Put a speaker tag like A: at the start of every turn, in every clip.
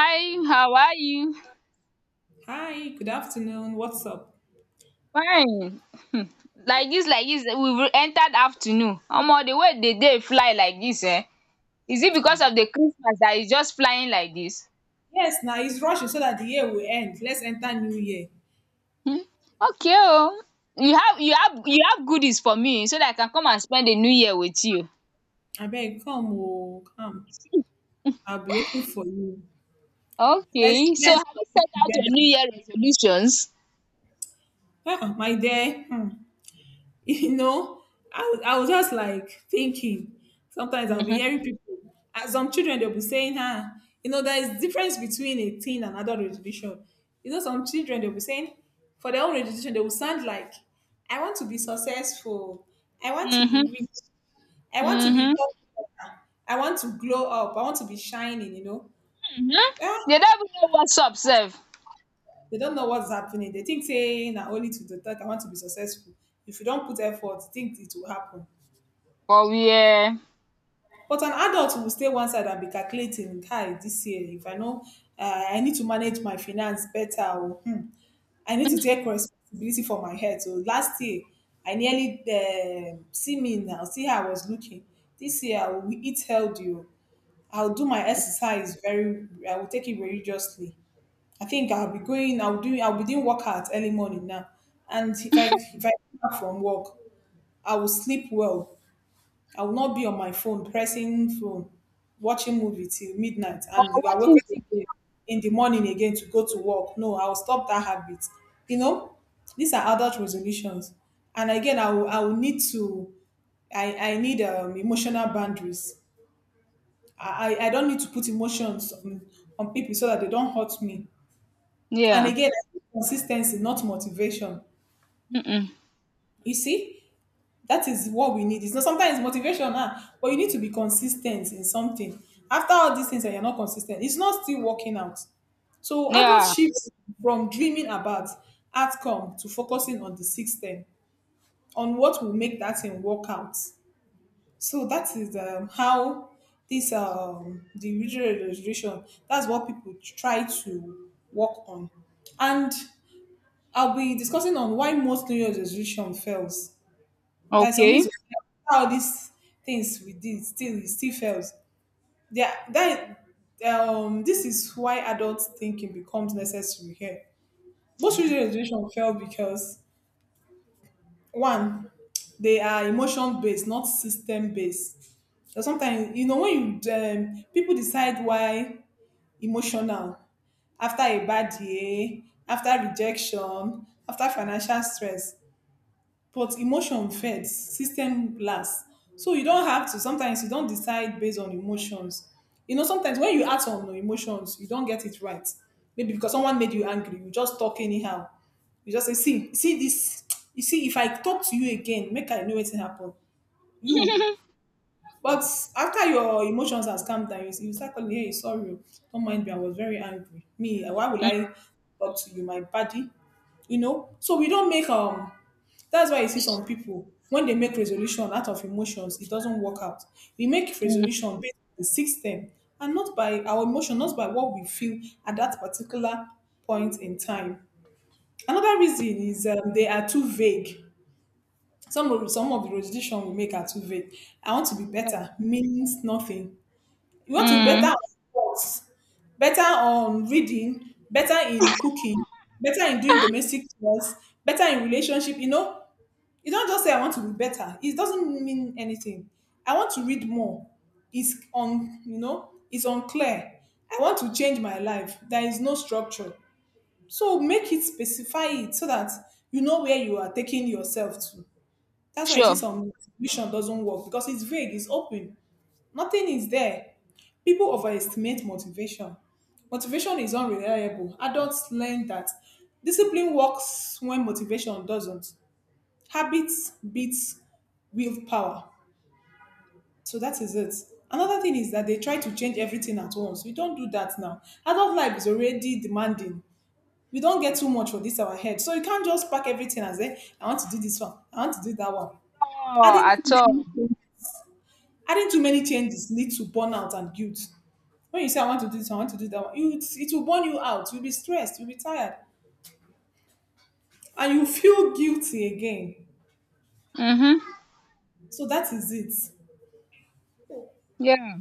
A: Hi, how are you?
B: Hi, good afternoon. What's up?
A: Fine. Hmm. Like this, like this. We've entered afternoon. Omo, the way the day fly like this? Eh? Is it
B: Uh,
A: because of the Christmas dat e just flying like this?
B: yes, now it's rushing so that the year will end. Let's enter new year.
A: Hmm, okay. Oh, you have goodies for me so dat I can come and spend the new year with you.
B: I beg, come, oh, come. I'll be waiting for you. Let's
A: Okay, so
B: let's
A: have you
B: talk it
A: set out your new
B: together.
A: year resolutions?
B: My dear, hmm. you know I was just like thinking. Sometimes I'll be
A: Mhm,
B: hearing people and some children, they'll be saying, huh, there is difference between a teen and adult registration. Some children, they'll be saying, for their own registration they will sound like, I want to be successful, I want to be
A: mhm,
B: rich, I want to be
A: mhm,
B: popular, I want to glow up, I want to be shining,
A: mhm.
B: yeah,
A: They don't even know WhatsApp self?
B: they don't know what's happening. They think saying that only to the thought, I want to be successful. If you don't put effort, think it will happen.
A: Or we
B: But an adult will stay one side and be calculating, hi, this year if I know, I need to manage my finance better. Or hmm, I need to take responsibility for my health. So last year I nearly see me now, see how I was looking. This year I will eat healthy, oh. I'll do my exercise very. I will take it religiously. I think I'll be going. I'll do. I'll be doing workout early morning now. And if I come back from work, I will sleep well. I will not be on my phone, pressing phone, watching movie till midnight,
A: or
B: and you are
A: watching
B: waking up again
A: TikTok.
B: in the morning again to go to work. No, I will stop that habit. You know, these are adult resolutions, and again, I will need to, I need emotional boundaries. I don't need to put emotions on people so that they don't hurt me. And
A: Yeah,
B: again, I need consistency, not motivation.
A: mm mm.
B: You see, that is what we need. It's not sometimes motivation, ah, but you need to be consistent in something. After all these things and you're not consistent, it's not still working out. So adult
A: Yeah.
B: shifts from dreaming about outcome to focusing on the system, on what will make that thing work out. So that is how this the usual registration. That's what people try to work on, and I'll be discussing on why most New Year's resolution fails. There's some
A: Okay.
B: reason why all these things we did still, it still fails. Yeah, that this is why adult thinking becomes necessary here. Most children education fail because one, they are emotion based, not system based. So sometimes you know when you people decide why emotional, after a bad year, after rejection, after financial stress. But emotion fades, system lasts. So you don't have to. Sometimes you don't decide based on emotions. You know, sometimes when you act on emotions, you don't get it right. Maybe because someone made you angry, you just talk anyhow. You just say, see, see this. You see, if I talk to you again, make I know what happened. You, but after your emotions has calmed down, you start calling, hey, sorry, oh, don't mind me, I was very angry. Me, eh, why will
A: Mm.
B: I talk to you, my body? You know? So we don't make, that's why you see some people, when they make resolution out of emotions, it doesn't work out. We make
A: Mm.
B: resolution based on the system and not by our emotion, not by what we feel at that particular point in time. Another reason is they are too vague. Some of the resolution we make are too vague. I want to be
A: Yeah.
B: better means nothing. You want to be better
A: Mm.
B: at sports, better on reading, better in cooking, better in doing domestic chores, better in relationship. You know, you don't just say I want to be better. It doesn't mean anything. I want to read more. It's on, it's unclear. I want to change my life. There is no structure. So make it, specify it so that you know where you are taking yourself to. That's why you see
A: Sure.
B: some vision doesn't work because it's vague, it's open. Nothing is there. People overestimate motivation. Motivation is unreliable. Adults learn that discipline works when motivation doesn't. Habits beats willpower. So that is it. Another thing is that they try to change everything at once. We don't do that now. Adult life is already demanding. We don't get too much for this our head. So you can't just pack everything and say, I want to do this one, I want to do that one.
A: Oh,
B: Adding
A: at
B: too
A: all.
B: many Adding too many changes leads to burnout and guilt. When you say, I want to do this, I want to do that, one," you, it will burn you out. You'll be stressed, you'll be tired, and you feel guilty again.
A: Mm-hmm.
B: So that is it.
A: Yeah.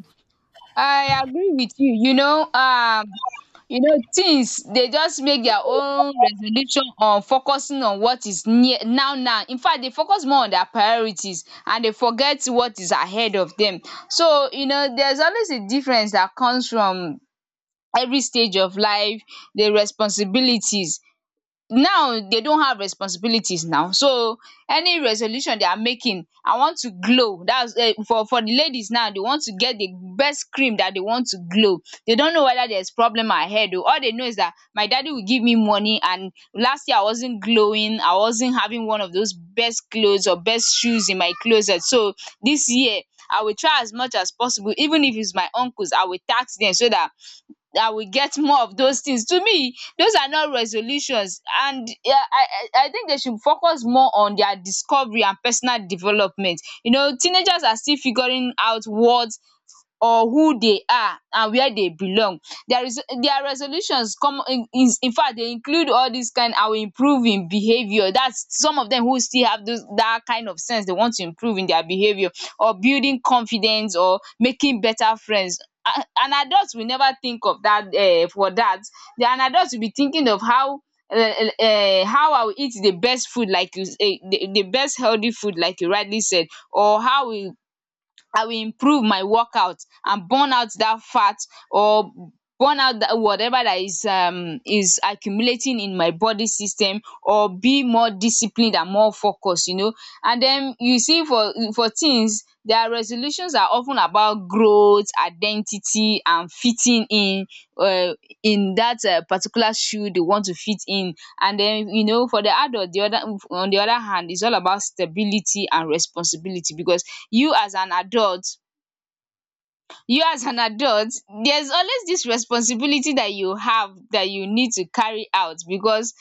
A: I agree with you. You know, things, they just make their own resolution on focusing on what is near now now. In fact, they focus more on their priorities and they forget what is ahead of them. So, you know, there's always a difference that comes from every stage of life, the responsibilities. Now they don't have responsibilities now, so any resolution they are making, I want to glow, that's for the ladies now, they want to get the best cream that they want to glow. They don't know whether there's problem ahead o, all they know is that my daddy will give me money, and last year I wasn't glowing, I wasn't having one of those best clothes or best shoes in my closet. So this year I will try as much as possible, even if it's my uncles I will tax them, so that I will get more of those things. To me, those are not resolutions. And yeah, I think they should focus more on their discovery and personal development. You know, teenagers are still figuring out what or who they are and where they belong. Their res their resolutions come in, is in fact they include all these kind, I will improve in behaviour, that's some of them who still have those that kind of sense, they want to improve in their behaviour or building confidence or making better friends. An adult will never think of that for that. The An adult will be thinking of how I will eat the best food like you the best healthy food like you rightly said, or how we I will improve my workout and burn out that fat, or burn out that whatever that is accumulating in my body system, or be more disciplined and more focused, you know. And then you see, for things, their resolutions are often about growth, identity and fitting in, um in that particular shoe they want to fit in. And then you know, for the adult, the other on the other hand, it's all about stability and responsibility. Because you as an adult you as an adult, there's always this responsibility that you have, that you need to carry out. Because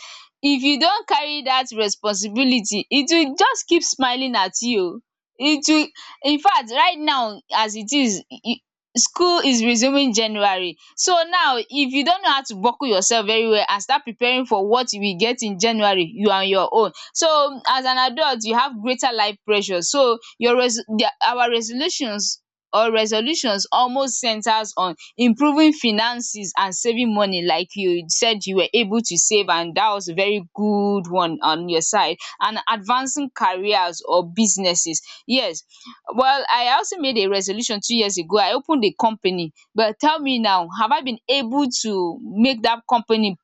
A: if you don't carry that responsibility, it will just keep smiling at you. It will In fact, right now as it is, school is resuming January. So now if you don't know how to buckle yourself very well and start preparing for what you will get in January, you are on your own. So as an adult, you have greater life pressure, so your res the, our resolutions or resolutions almost centers on improving finances and saving money, like you said you were able to save, and that was a very good one on your side, and advancing careers or businesses. Yes. Well, I also made a resolution 2 years ago, I opened a company, but tell me now, have I been able to make that company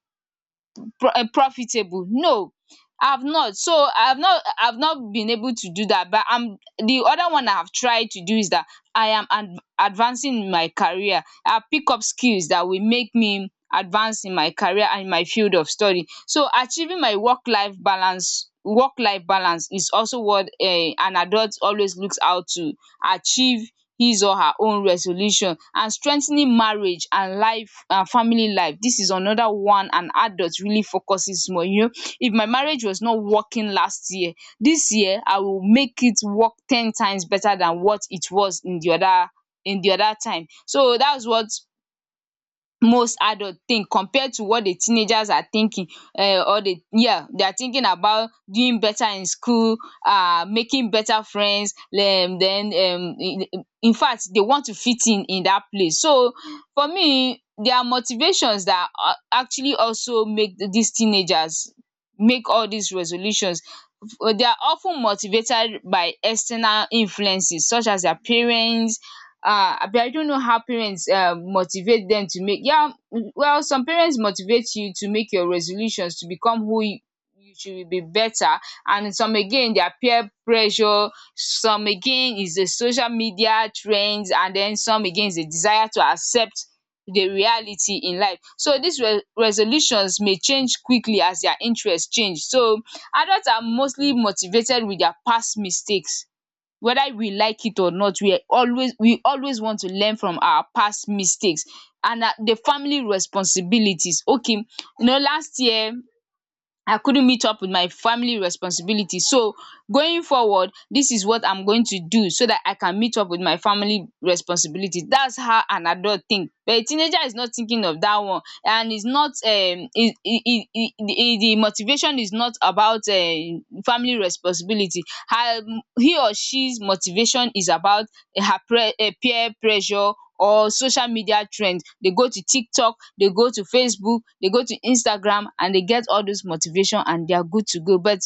A: profitable? No, I've not. So I've not been able to do that. But I'm the other one I've tried to do is that I am ad advancing in my career. I pick up skills that will make me advance in my career and my field of study. So achieving my work life balance, is also what an adult always looks out to achieve, his or her own resolution. And strengthening marriage and life and family life, this is another one an adult really focuses more, you know. If my marriage was not working last year, this year I will make it work 10 times better than what it was in the other time. So that's what most adult think compared to what the teenagers are thinking. Or the Yeah, they are thinking about doing better in school, making better friends, then in fact they want to fit in that place. So for me, there are motivations that actually also make these teenagers make all these resolutions. They are of ten motivated by external influences such as their parents. But I don't know how parents motivate them to make. Yeah. Well, some parents motivate you to make your resolutions to become who you should be better. And some again, their peer pressure, some again is the social media trends, and then some again is the desire to accept the reality in life. So these re resolutions may change quickly as their interests change. So adults are mostly motivated with their past mistakes. Whether we like it or not, we always want to learn from our past mistakes. And na the family responsibilities. Okay, you know, last year I couldn't meet up with my family responsibility. So going forward, this is what I'm going to do so that I can meet up with my family responsibility. That's how an adult think. But a teenager is not thinking of that one. And it's not it it it it the motivation is not about family responsibility. Her he or she's motivation is about her pre peer pressure or social media trend. They go to TikTok, they go to Facebook, they go to Instagram, and they get all those motivation and they are good to go. But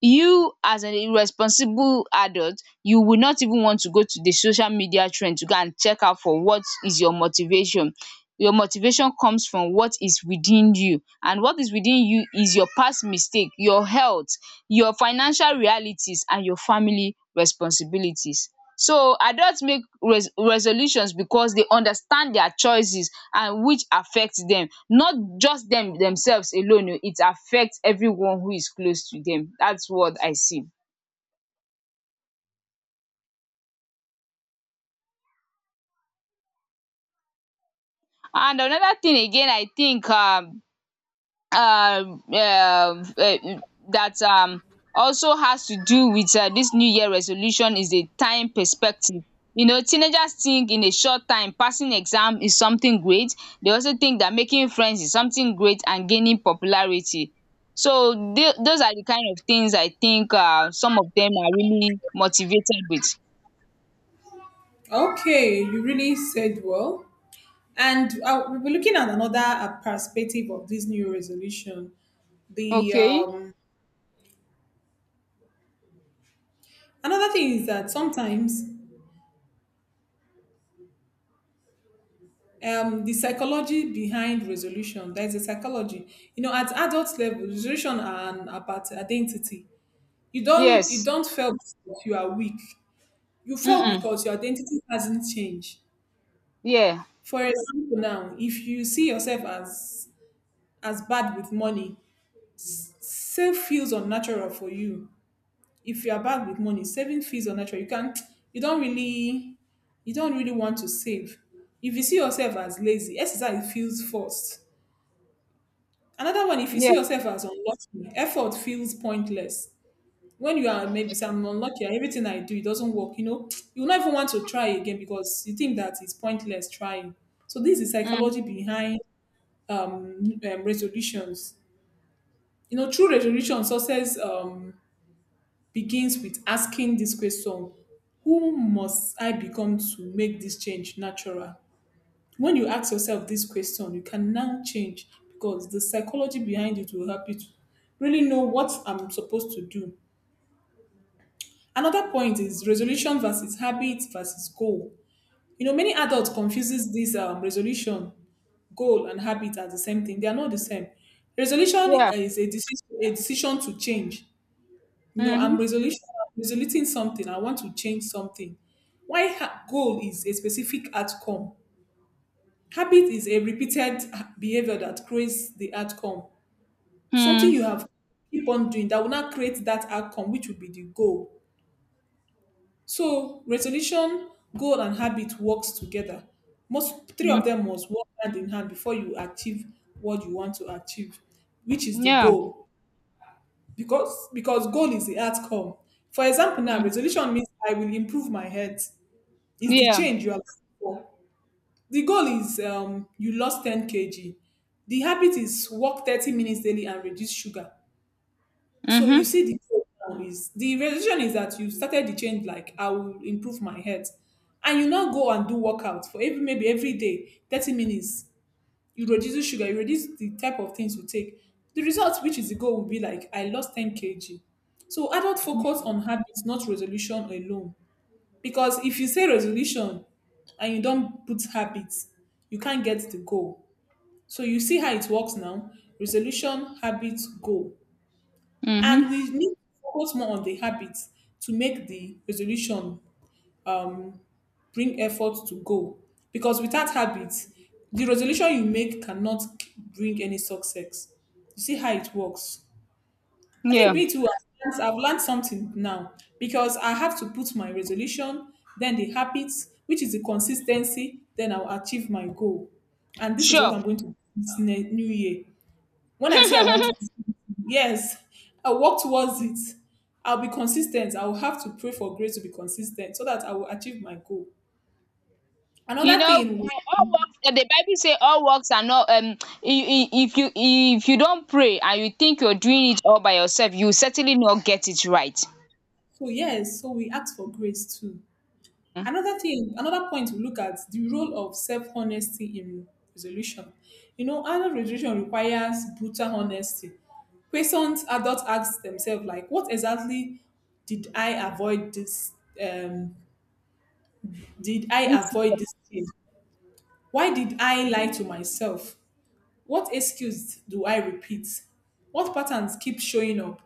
A: you as an irresponsible adult, you will not even want to go to the social media trend to go and check out for what is your motivation. Your motivation comes from what is within you, and what is within you is your past mistake, your health, your financial realities and your family responsibilities. So adults make resolutions because they understand their choices and which affect them. Not just them themselves alone o, it affect everyone who is close to them. That's what I see. And another thing again, I think um uh, um eh, that also has to do with this new year resolution is the time perspective. You know, teenagers think in a short time, passing exam is something great. They also think that making friends is something great and gaining popularity. So those are the kind of things I think. Some of them are really motivated with.
B: Okay, you really said well. And we'll be looking at another perspective of this new resolution. The
A: Okay.
B: another thing is that sometimes the psychology behind resolution, there is a psychology. You know, at adult level, resolution about identity. You don't you
A: Yes.
B: don't feel because you are weak. You feel
A: Mm-mm.
B: because your identity hasn't changed.
A: Yeah.
B: For example, now, if you see yourself as bad with money, save feels unnatural for you. If you are bad with money, saving feels unnatural. You can't, you don't really you don't really want to save. If you see yourself as lazy, exercise feels forced. Another one, if you see
A: Yeah.
B: yourself as unlucky, effort feels pointless. When you are maybe say I'm unlucky, and everything I do, it doesn't work, you know, you will not even want to try again because you think that it's pointless trying. So this is
A: Mm.
B: psychology behind resolutions. You know, true resolution success begins with asking this question. Who must I become to make this change natural? When you ask yourself this question, you can now change because the psychology behind it will help you to really know what I'm supposed to do. Another point is resolution versus habit versus goal. You know, many adults confuses this resolution, goal, and habit as the same thing. They are not the same. Resolution
A: Yeah.
B: is a decision to change. You know, I'm
A: Mm-hmm.
B: resolution, resoluting something. I want to change something. Goal is a specific outcome. Habit is a repeated behavior that creates the outcome. Something
A: Mm.
B: you have keep on doing that will not create that outcome, which would be the goal. So resolution, goal, and habit works together. Most three
A: Mm.
B: of them must work hand in hand before you achieve what you want to achieve, which is the
A: Yeah.
B: goal. Because goal is the outcome. For example, now,
A: Mm.
B: resolution means I will improve my health. Is the
A: Yeah.
B: change you are looking for. The goal is you lost 10 kg. The habit is walk 30 minutes daily and reduce sugar. So you
A: Mm-hmm.
B: see the goal now is the resolution is that you started the change like I will improve my health. And you now go and do workout for every maybe every day, 30 minutes. You reduce sugar, you reduce the type of things you take. The result, which is the goal, will be like I lost 10 kg. So adult focus on habits, not resolution alone. Because if you say resolution and you don't put habits, you can't get the goal. So you see how it works now. Resolution, habits, goal.
A: Mm-hmm.
B: And we need to focus more on the habits to make the resolution um, bring effort to go. Because without habits, the resolution you make cannot bring any success. You see how it works. I think
A: Yeah.
B: me too, I've learned something now because I have to put my resolution, then the habits, which is the consistency, then I'll achieve my goal. And this is what
A: Sure.
B: I'm going to do this new year. When I say I want to, yes, I'll work towards it. I'll be consistent. I will have to pray for grace to be consistent so that I will achieve my goal.
A: You
B: Another
A: know,
B: thing,
A: all works. The Bible say all works are not. If you don't pray and you think you're doing it all by yourself, you will certainly not get it right.
B: so yes, so we ask for grace too.
A: Mm.
B: Another thing, another point, we look at the role of self honesty in resolution. You know, adult resolution requires brutal honesty. Questions adults ask themselves, like, what exactly did I avoid this? Um, did I
A: This year.
B: avoid this thing? Why did I lie to myself? What excuse do I repeat? What patterns keep showing up?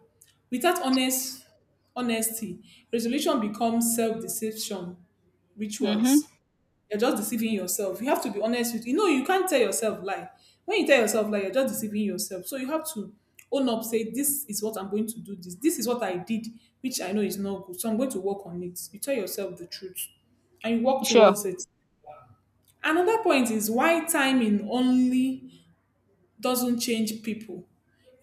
B: Without honesty, resolution becomes self-deception
A: Mm-hmm.
B: rituals. You're just deceiving yourself. You have to be honest with you. Know you can't tell yourself lie. When you tell yourself lie, you're just deceiving yourself. So you have to own up, say this is what I'm going to do. This is what I did, which I know is not good. So I'm going to work on it. You tell yourself the truth, and you walk
A: Sure.
B: towards it. Another point is why timing only doesn't change people.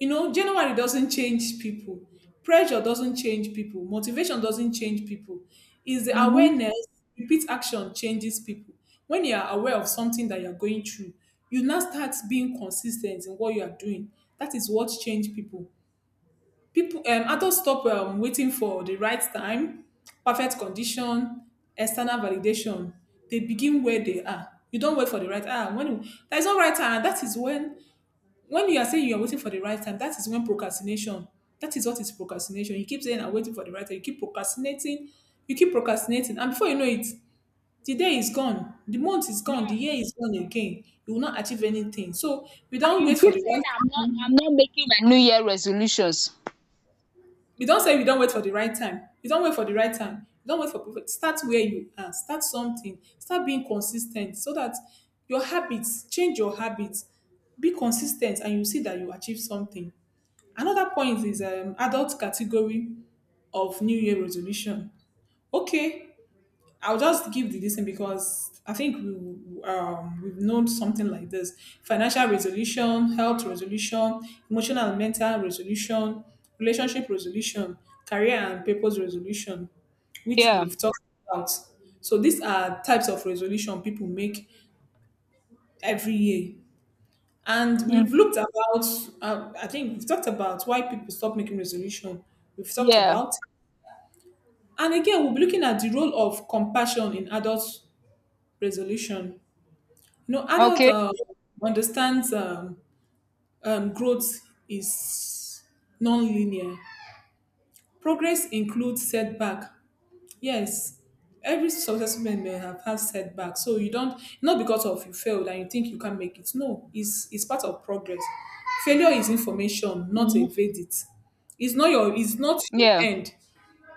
B: You know, January doesn't change people. Pressure doesn't change people. Motivation doesn't change people. Is the
A: Mm-hmm.
B: awareness, repeat action changes people. When you are aware of something that you're going through, you now start being consistent in what you are doing. That is what change people. People, adults stop waiting for the right time, perfect condition, external validation. They begin where they are. You don't wait for the right time. When there's no right time, that is when you are saying you are waiting for the right time. That is when procrastination. That is what is procrastination. You keep saying I'm waiting for the right time. You keep procrastinating. You keep procrastinating, and before you know it, the day is gone, the month is gone, the
A: Yeah.
B: year is gone again. You will not achieve anything. So we
A: And
B: don't
A: you
B: wait for
A: keep
B: the
A: saying
B: right
A: I'm not. I'm
B: time.
A: not making my New Year resolutions.
B: You don say, you don wait for the right time, you don wait for the right time, you don wait for perfect start. Where you are, start something, start being consis ten t, so that your habits change. Your habits, be consis ten t and you see that you achieve something. Another point is adult category of New Year resolution. Okay, I'll just give the listen because I think we, we've known something like this: financial resolution, health resolution, emotional and mental resolution, relationship resolution, career and purpose resolution, which
A: Yeah.
B: we've talked about. So these are types of resolution people make every year, and
A: Mm.
B: we've looked about. I think we've talked about why people stop making resolution. We've talked
A: Yeah.
B: about, and again, we'll be looking at the role of compassion in adult resolution. You know, adult
A: Okay.
B: understands, growth is non-linear. Progress includes setback. Yes, every successful man may have had setback. So you don't, not because of you failed and you think you can not make it. No, it's part of progress. Failure is information, not a
A: Mm-hmm.
B: verdict. It's not your
A: Yeah.
B: end.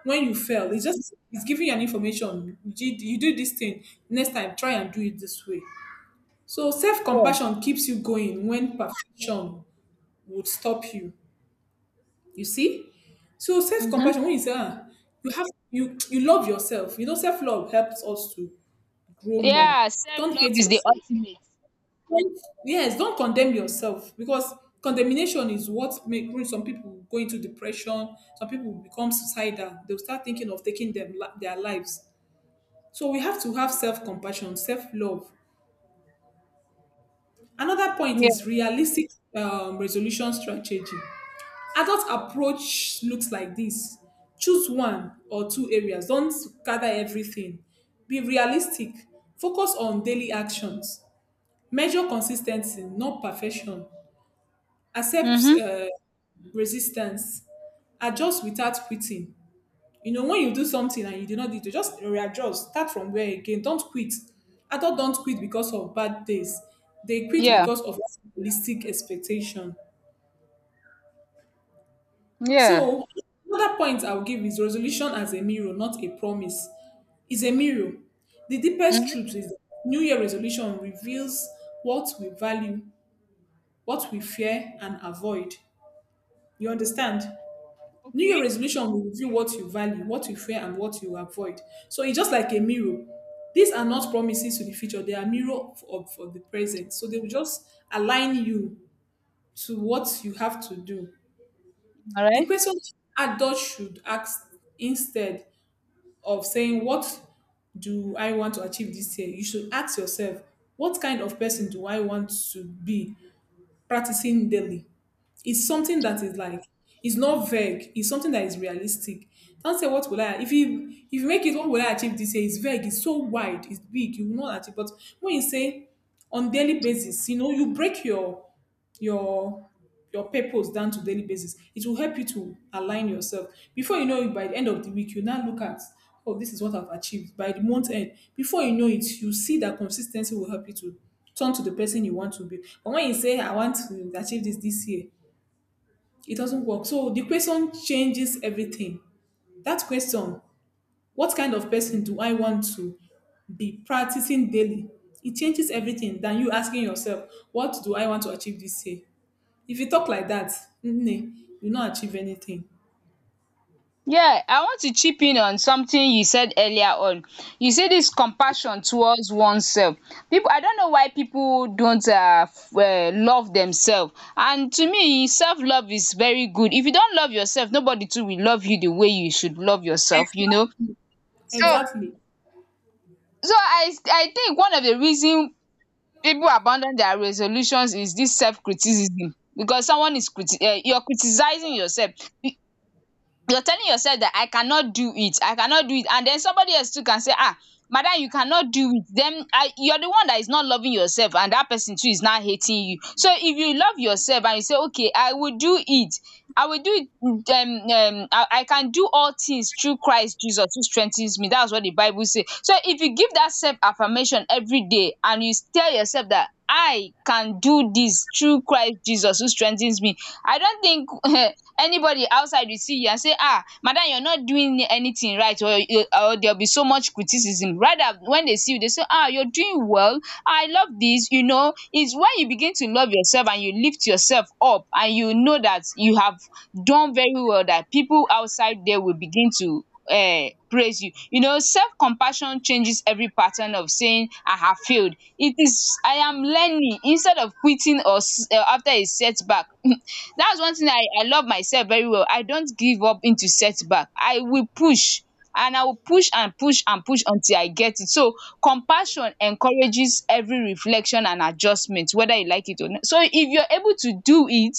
B: When you fail, it's giving you an information. You do this thing next time. Try and do it this way. So
A: Sure.
B: self-compassion keeps you going when perfection would stop you. You see? So self-compassion,
A: Mm-hmm.
B: when you say, ah, you love yourself. You know, self-love helps us to grow more.
A: Yeah. Self
B: Don't
A: love
B: hate
A: is the
B: yourself.
A: ultimate.
B: Like, yes, don't condemn yourself, because condemnation is what make brings some people go into depression. Some people become suicidal. They'll start thinking of taking their lives. So we have to have self-compassion, self-love. Another point
A: Yeah.
B: is realistic resolution strategy. Adult approach looks like this: choose one or two areas, don't gather everything, be realistic, focus on daily actions, measure consistency, not perfection, accept
A: Mm-hmm.
B: resistance, adjust without quitting. You know, when you do something and you do not do it, just readjust, start from where again, don't quit. Adult don't quit because of bad days. They quit
A: Yeah.
B: because of realistic expectation.
A: Yeah.
B: So another point I'll give is resolution as a mirror, not a promise. It's a mirror. The deepest truth is that New Year resolution reveals what we value, what we fear and avoid. You understand? New Year
A: Okay.
B: resolution will reveal what you value, what you fear, and what you avoid. So it's just like a mirror. These are not promises to the future, they are mirror of the present. So they will just align you to what you have to do. The
A: Alright.
B: question adults should ask, instead of saying what do I want to achieve this year, you should ask yourself, what kind of person do I want to be practicing daily? It's something that is like, it's not vague. It's something that is realistic. Don't say what will I, if you make it, what will I achieve this year? It's vague. It's so wide. It's big. You will not achieve. But when you say on daily basis, you know, you break your your your purpose down to daily basis. It will help you to align yourself. Before you know it, by the end of the week, you now look at, oh, this is what I've achieved. By the month end, before you know it, you see that consistency will help you to turn to the person you want to be. But when you say, I want to achieve this year, it doesn't work. So the question changes everything. That question, what kind of person do I want to be practicing daily? It changes everything than you asking yourself, what do I want to achieve this year? If you talk like that, mm, you not achieve anything.
A: Yeah, I want to chip in on something you said earlier on. You say this compassion towards oneself. People, I don't know why people don't love themselves. And to me, self love is very good. If you don't love yourself, nobody too will love you the way you should love yourself, you know. So,
B: Exactly.
A: so, I think one of the reason people abandon their resolutions is this self criticism. Because someone is you're criticizing yourself, you're telling yourself that I cannot do it, I cannot do it, and then somebody else too can say, ah, madam, you cannot do it. Then you're the one that is not loving yourself, and that person too is now hating you. So if you love yourself and you say, okay, I will do it. I will do it. I can do all things through Christ Jesus who strengthens me. That's what the Bible says. So if you give that self affirmation every day and you tell yourself that I can do this through Christ Jesus who strengthens me, I don't think anybody outside will see you and say, ah, madam, you are not doing anything right, or there will be so much criticism. Rather, when they see you, they say, ah, you are doing well. Ah, I love this, you know, it's when you begin to love yourself and you lift yourself up and you know that you have done very well, that people outside there will begin to praise you, you know, self compassion changes every pattern of saying I have failed. It is I am learning instead of quitting or after a setback. That's one thing, I love myself very well. I don't give up into setback. I will push and I will push and push and push until I get it. So compassion encourages every reflection and adjustment, whether you like it or not. So if you're able to do it,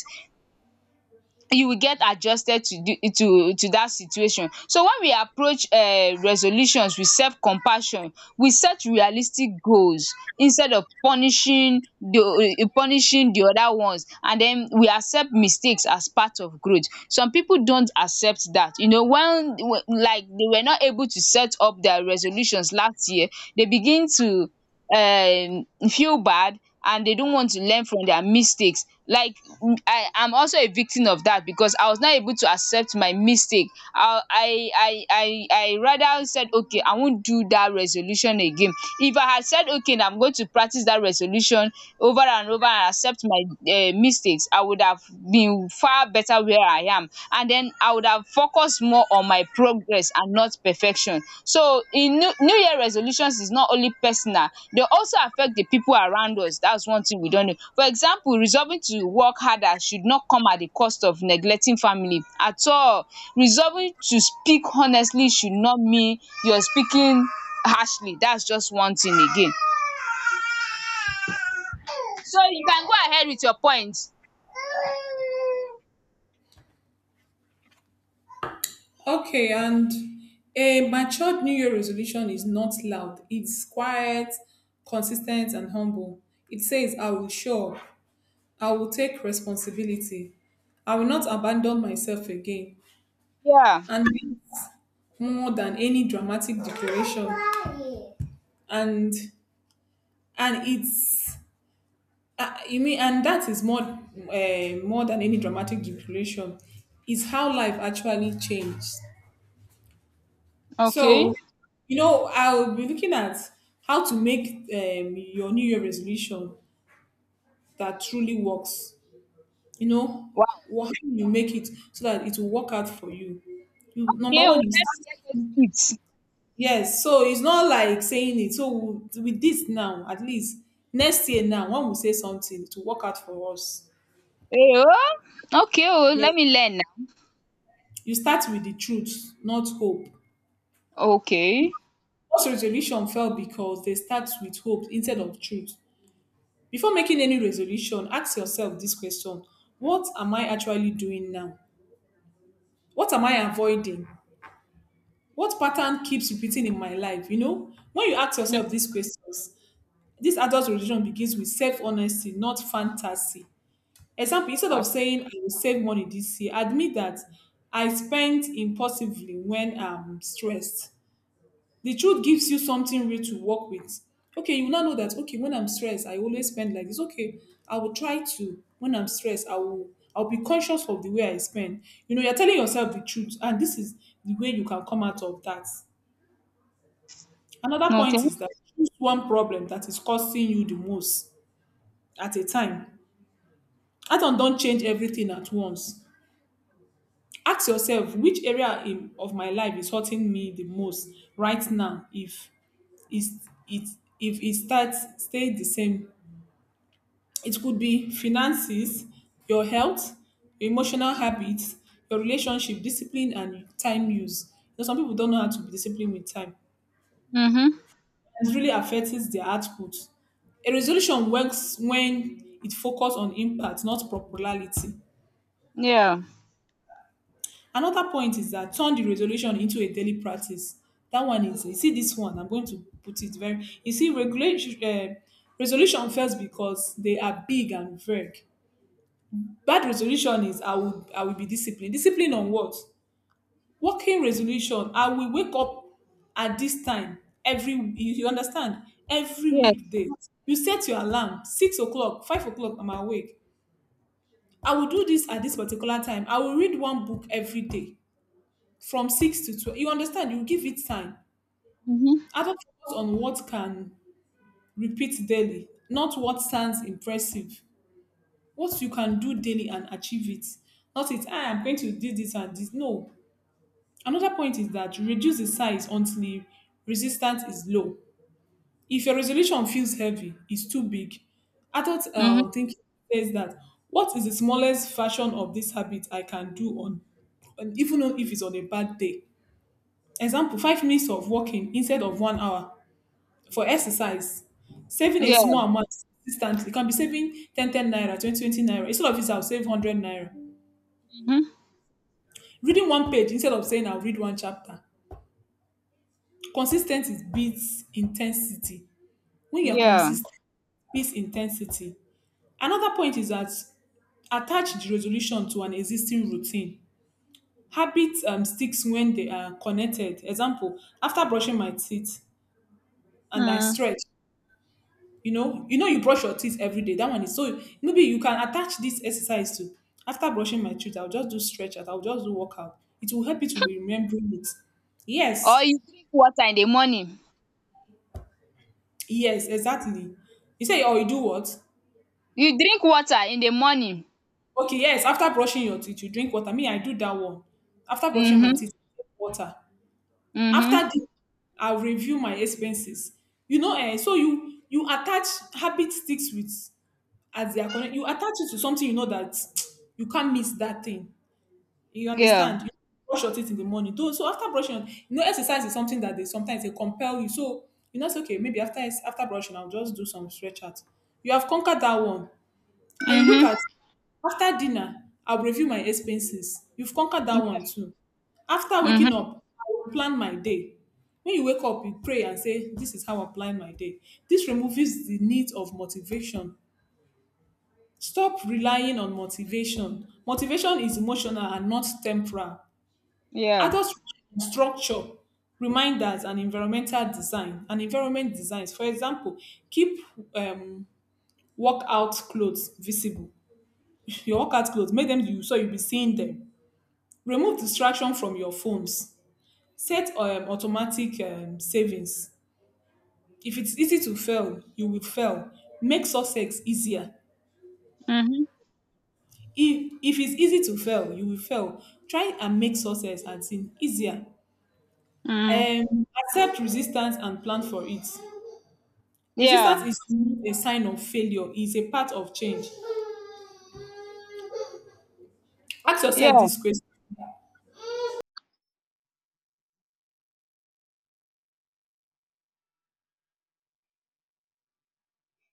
A: you will get adjusted to the to that situation. So when we approach resolutions with self compassion, we set realistic goals instead of punishing the punishing the other ones, and den we accept mistakes as part of growth. Some pipu don't accept that, you know, when like they were not able to set up their resolutions last year, they begin to feel bad, and they don't want to learn from their mistakes, like I am also a victim of that because I was not able to accept my mistake. I rather said, okay, I won't do that resolution again. If I had said, okay, now I'm going to practice that resolution over and over and accept my mistakes, I would have been far better where I am, and then I would have focused more on my progress and not perfection. So in new year resolutions is not only personal, they also affect the people around us. That's one thing we don't know. For example, resolving to work harder should not come at the cost of neglecting family at all. Resolving to speak honestly should not mean you're speaking harshly. That's just one thing again. So you can go ahead with your point.
B: Okay, and a matured New Year resolution is not loud. It's quiet, consistent, and humble. It says, I will show up. I will take responsibility. I will not abandon myself again.
A: Yeah,
B: And it's more than any dramatic declaration. And and it's You mean, and that is more than any dramatic declaration. Is how life actually changed. So
A: okay.
B: you know I will be looking at how to make your New Year resolution that truly works. You know,
A: Wow.
B: how you make it so that it will work out for you. You, number
A: Okay o,
B: one is,
A: let me get those tips.
B: yes, so it's not like saying it. So with this now, at least next year now, when we say something to work out for us,
A: Eh, oh! Okay, oh,
B: yes.
A: let me learn now.
B: You start with the truth, not hope.
A: Okay.
B: Most resolution fail because they start with hope instead of truth. Before making any resolution, ask yourself this question: what am I actually doing now? What am I avoiding? What pattern keeps repeating in my life? You know, when you ask
A: Mm.
B: yourself these questions, this adult religion begins with self honesty, not fantasy. Example, instead
A: uh,
B: of saying I will save money this year, admit that I spent impulsively when I'm stressed. The truth gives you something real to work with. Okay, you now know that, okay, when I'm stressed, I always spend like this. Okay, I will try to when I'm stressed, I'll be conscious of the way I spend. You know, you're telling yourself the truth, and this is the way you can come out of that. Another point
A: Okay.
B: is that choose one problem that is costing you the most at a time. That, don't change everything at once. Ask yourself which area of my life is hurting me the most right now. Is it if it starts stay the same, it could be finances, your health, your emotional habits, your relationship, discipline, and time use. You know, some people don't know how to be disciplined with time,
A: Hmm.
B: and really affects their output. A resolution works when it focuses on impact, not popularity.
A: Yeah.
B: Another point is that turn the resolution into a daily practice. That one is, you see this one, I'm going to put it very, you see, resolution fails because they are big and vague. Bad resolution is I will be disciplined. Discipline on what? Working resolution, I will wake up at this time every, you understand, every
A: Yes.
B: weekday. You set your alarm, 6 o'clock, 5 o'clock, I'm awake. I will do this at this particular time. I will read 1 book every day from 6 to 12. You understand, you give it time. I
A: Mm-hmm.
B: don't focus on what can repeat daily, not what sounds impressive. What you can do daily and achieve it, not it I am going to do this and this. No. Another point is that reduce the size until resistance is low. If your resolution feels heavy, it's too big. Adult
A: Mm-hmm.
B: thinking says that, what is the smallest version of this habit I can do on, and even though if it's on a bad day. Example: 5 minutes of walking instead of 1 hour for exercise. Saving a
A: Yeah.
B: small amount consistently, it can be saving 10 10 naira, 20 20 naira. Instead of this, I'll save 100 naira.
A: Mm-hmm.
B: Reading 1 page instead of saying I'll read 1 chapter. Consistency beats intensity. When you're
A: Yeah.
B: consistent, beats intensity. Another point is that attach the resolution to an existing routine. Habit sticks when they are connected. Example, after brushing my teeth and I
A: Mm.
B: stretch. You know, you know you brush your teeth every day. That one is so, maybe you can attach this exercise to, after brushing my teeth, I'll just do stretch out, I'll just do workout. It will help you to be remembering it.
A: Or
B: Yes,
A: you drink water in the morning.
B: yes, exactly. You say, oh, you do what?
A: You drink water in the morning.
B: Okay, yes, after brushing your teeth, you drink water. Me, I do that one. After brushing my
A: Mm-hmm.
B: teeth, I drink water. After
A: Mm-hmm.
B: this, I'll review my expenses. You know, eh, so you attach, habit sticks with as they are connected. You attach it to something you know that you can't miss that thing. You
A: Yeah.
B: understand? You brush your teeth in the morning. So after brushing, exercise is something that they sometimes they compel you. So it's okay. Maybe after brushing, I'll just do some stretch out. You have conquered that one. And you look
A: Mm-hmm.
B: at after dinner, I'll review my expenses. You've conquered that one too. After waking
A: Mm-hmm.
B: up, I will plan my day. When you wake up, you pray and say, "This is how I plan my day." This removes the need of motivation. Stop relying on motivation. Motivation is emotional and not temporal.
A: Yeah.
B: Adults rely on structure, reminders, and environmental design. And environment designs, for example, keep um, workout clothes visible, your workout clothes, make them you so you will be seeing them. Remove distraction from your phones. Set automatic savings. If it's easy to fail, you will fail. Make success easier.
A: Mm-hmm.
B: If it's easy to fail, you will fail. Try and make success, as in, easier.
A: Mm.
B: Accept resistance and plan for it.
A: Yeah.
B: Resistance is not a sign of failure, it's a part of change. Ask yourself
A: Yeah.
B: this question.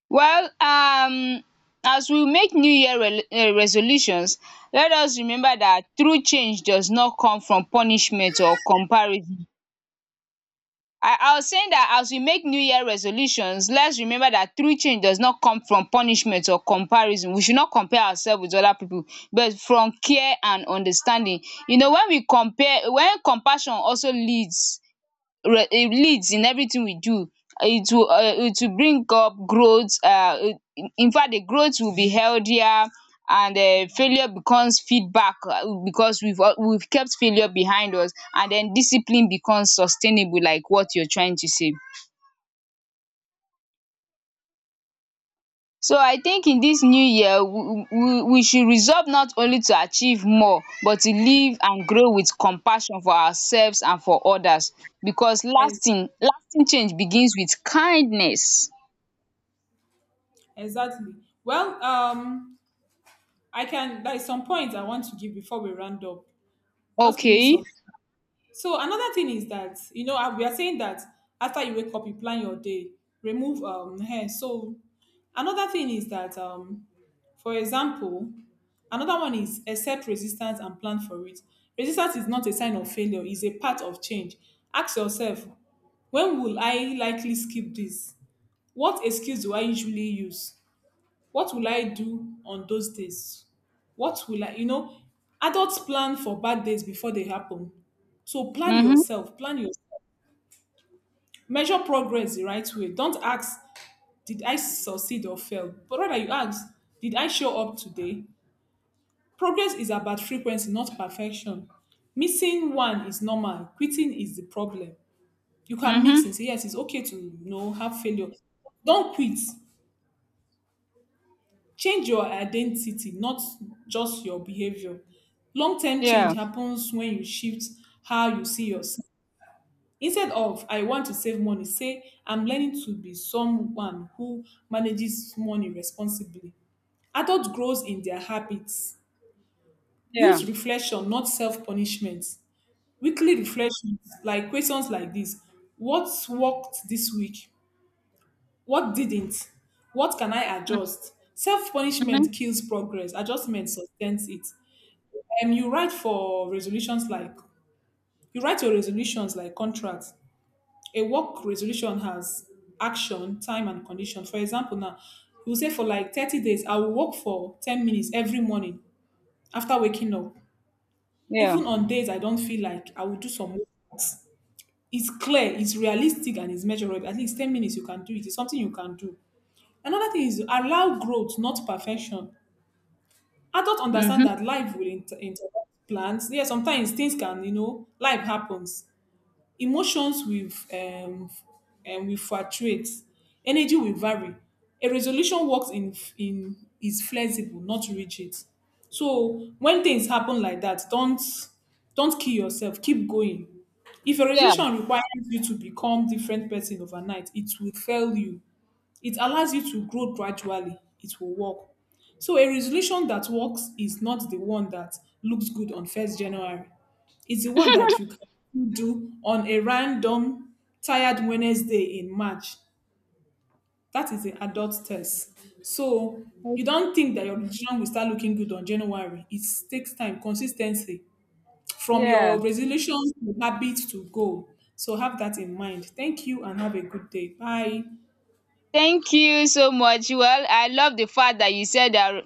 A: Well, as we make new year rel resolutions, let us remember that true change does not come from punishment or comparison. I was saying that as we make new year resolutions, let's remember that true change does not come from punishment or comparison. We should not compare ourselves with other people, but from care and understanding. You know, when we compare when compassion also leads re leads in everything we do, it will, it will bring up growth. Infact the growth will be healthier, and failure becomes feedback, because we've kept failure behind us, and then discipline becomes sustainable, like what you're trying to say. So I think in this new year, we should resolve not only to achieve more but to live and grow with compassion for ourselves and for others, because
B: Ex-
A: lasting change begins with kindness.
B: exactly. Well, I can, there is some points I want to give before we round up. Just give me
A: Okay.
B: some. So another thing is that, you know, we are saying that after you wake up, you plan your day, remove hair. So another thing is that, for example, another one is accept resistance and plan for it. Resistance is not a sign of failure, it's a part of change. Ask yourself, when will I likely skip this? What excuse do I usually use? What will I do on those days? What will I, adults plan for bad days before they happen. So plan
A: Mhm.
B: yourself, plan yourself. Measure progress the right way. Don't ask, did I succeed or fail? But rather you ask, did I show up today? Progress is about frequency, not perfection. Missing one is normal. Quitting is the problem. You can mix
A: Mhm.
B: and say, yes, it's okay to have failure. Don't quit. Change your identity, not just your behavior. Long term change
A: Yeah.
B: happens when you shift how you see yourself. Instead of, I want to save money, say, I'm learning to be someone who manages money responsibly. Adult grows in their habits.
A: Yeah.
B: Use reflection, not self punishment. Weekly reflections, like questions like this. What worked this week? What didn't? What can I adjust? Self
A: Mhm.
B: punishment kills progress, adjustment sustains it. You write for resolutions like you write your resolutions like contracts. A work resolution has action, time, and condition. For example, now you say for like 30 days, I will work for 10 minutes every morning after waking up.
A: Yeah.
B: Even on days I don't feel like, I will do some work. It's clear, it's realistic, and it's measurable. At least 10 minutes, you can do it. It's something you can do. Another thing is allow growth, not perfection. Adults
A: Mhm.
B: understand that life will interrupt plans. Yeah, sometimes things can, you know, life happens. Emotions will um and will fluctuate. Energy will vary. A resolution works in is flexible, not rigid. So when things happen like that, don't kill yourself. Keep going. If a
A: Yeah.
B: resolution requires you to become different person overnight, it will fail you. It allows you to grow gradually. It will work. So a resolution that works is not the one that looks good on 1st January. It's the one that you can do on a random tired Wednesday in March. That is an adult test. So you don't think that your resolution will start looking good on January. It takes time, consistency, from
A: Yeah.
B: your resolution to habit to goal. So have that in mind. Thank you and have a good day. Bye.
A: Thank you so much. Well, I love the fact that you said that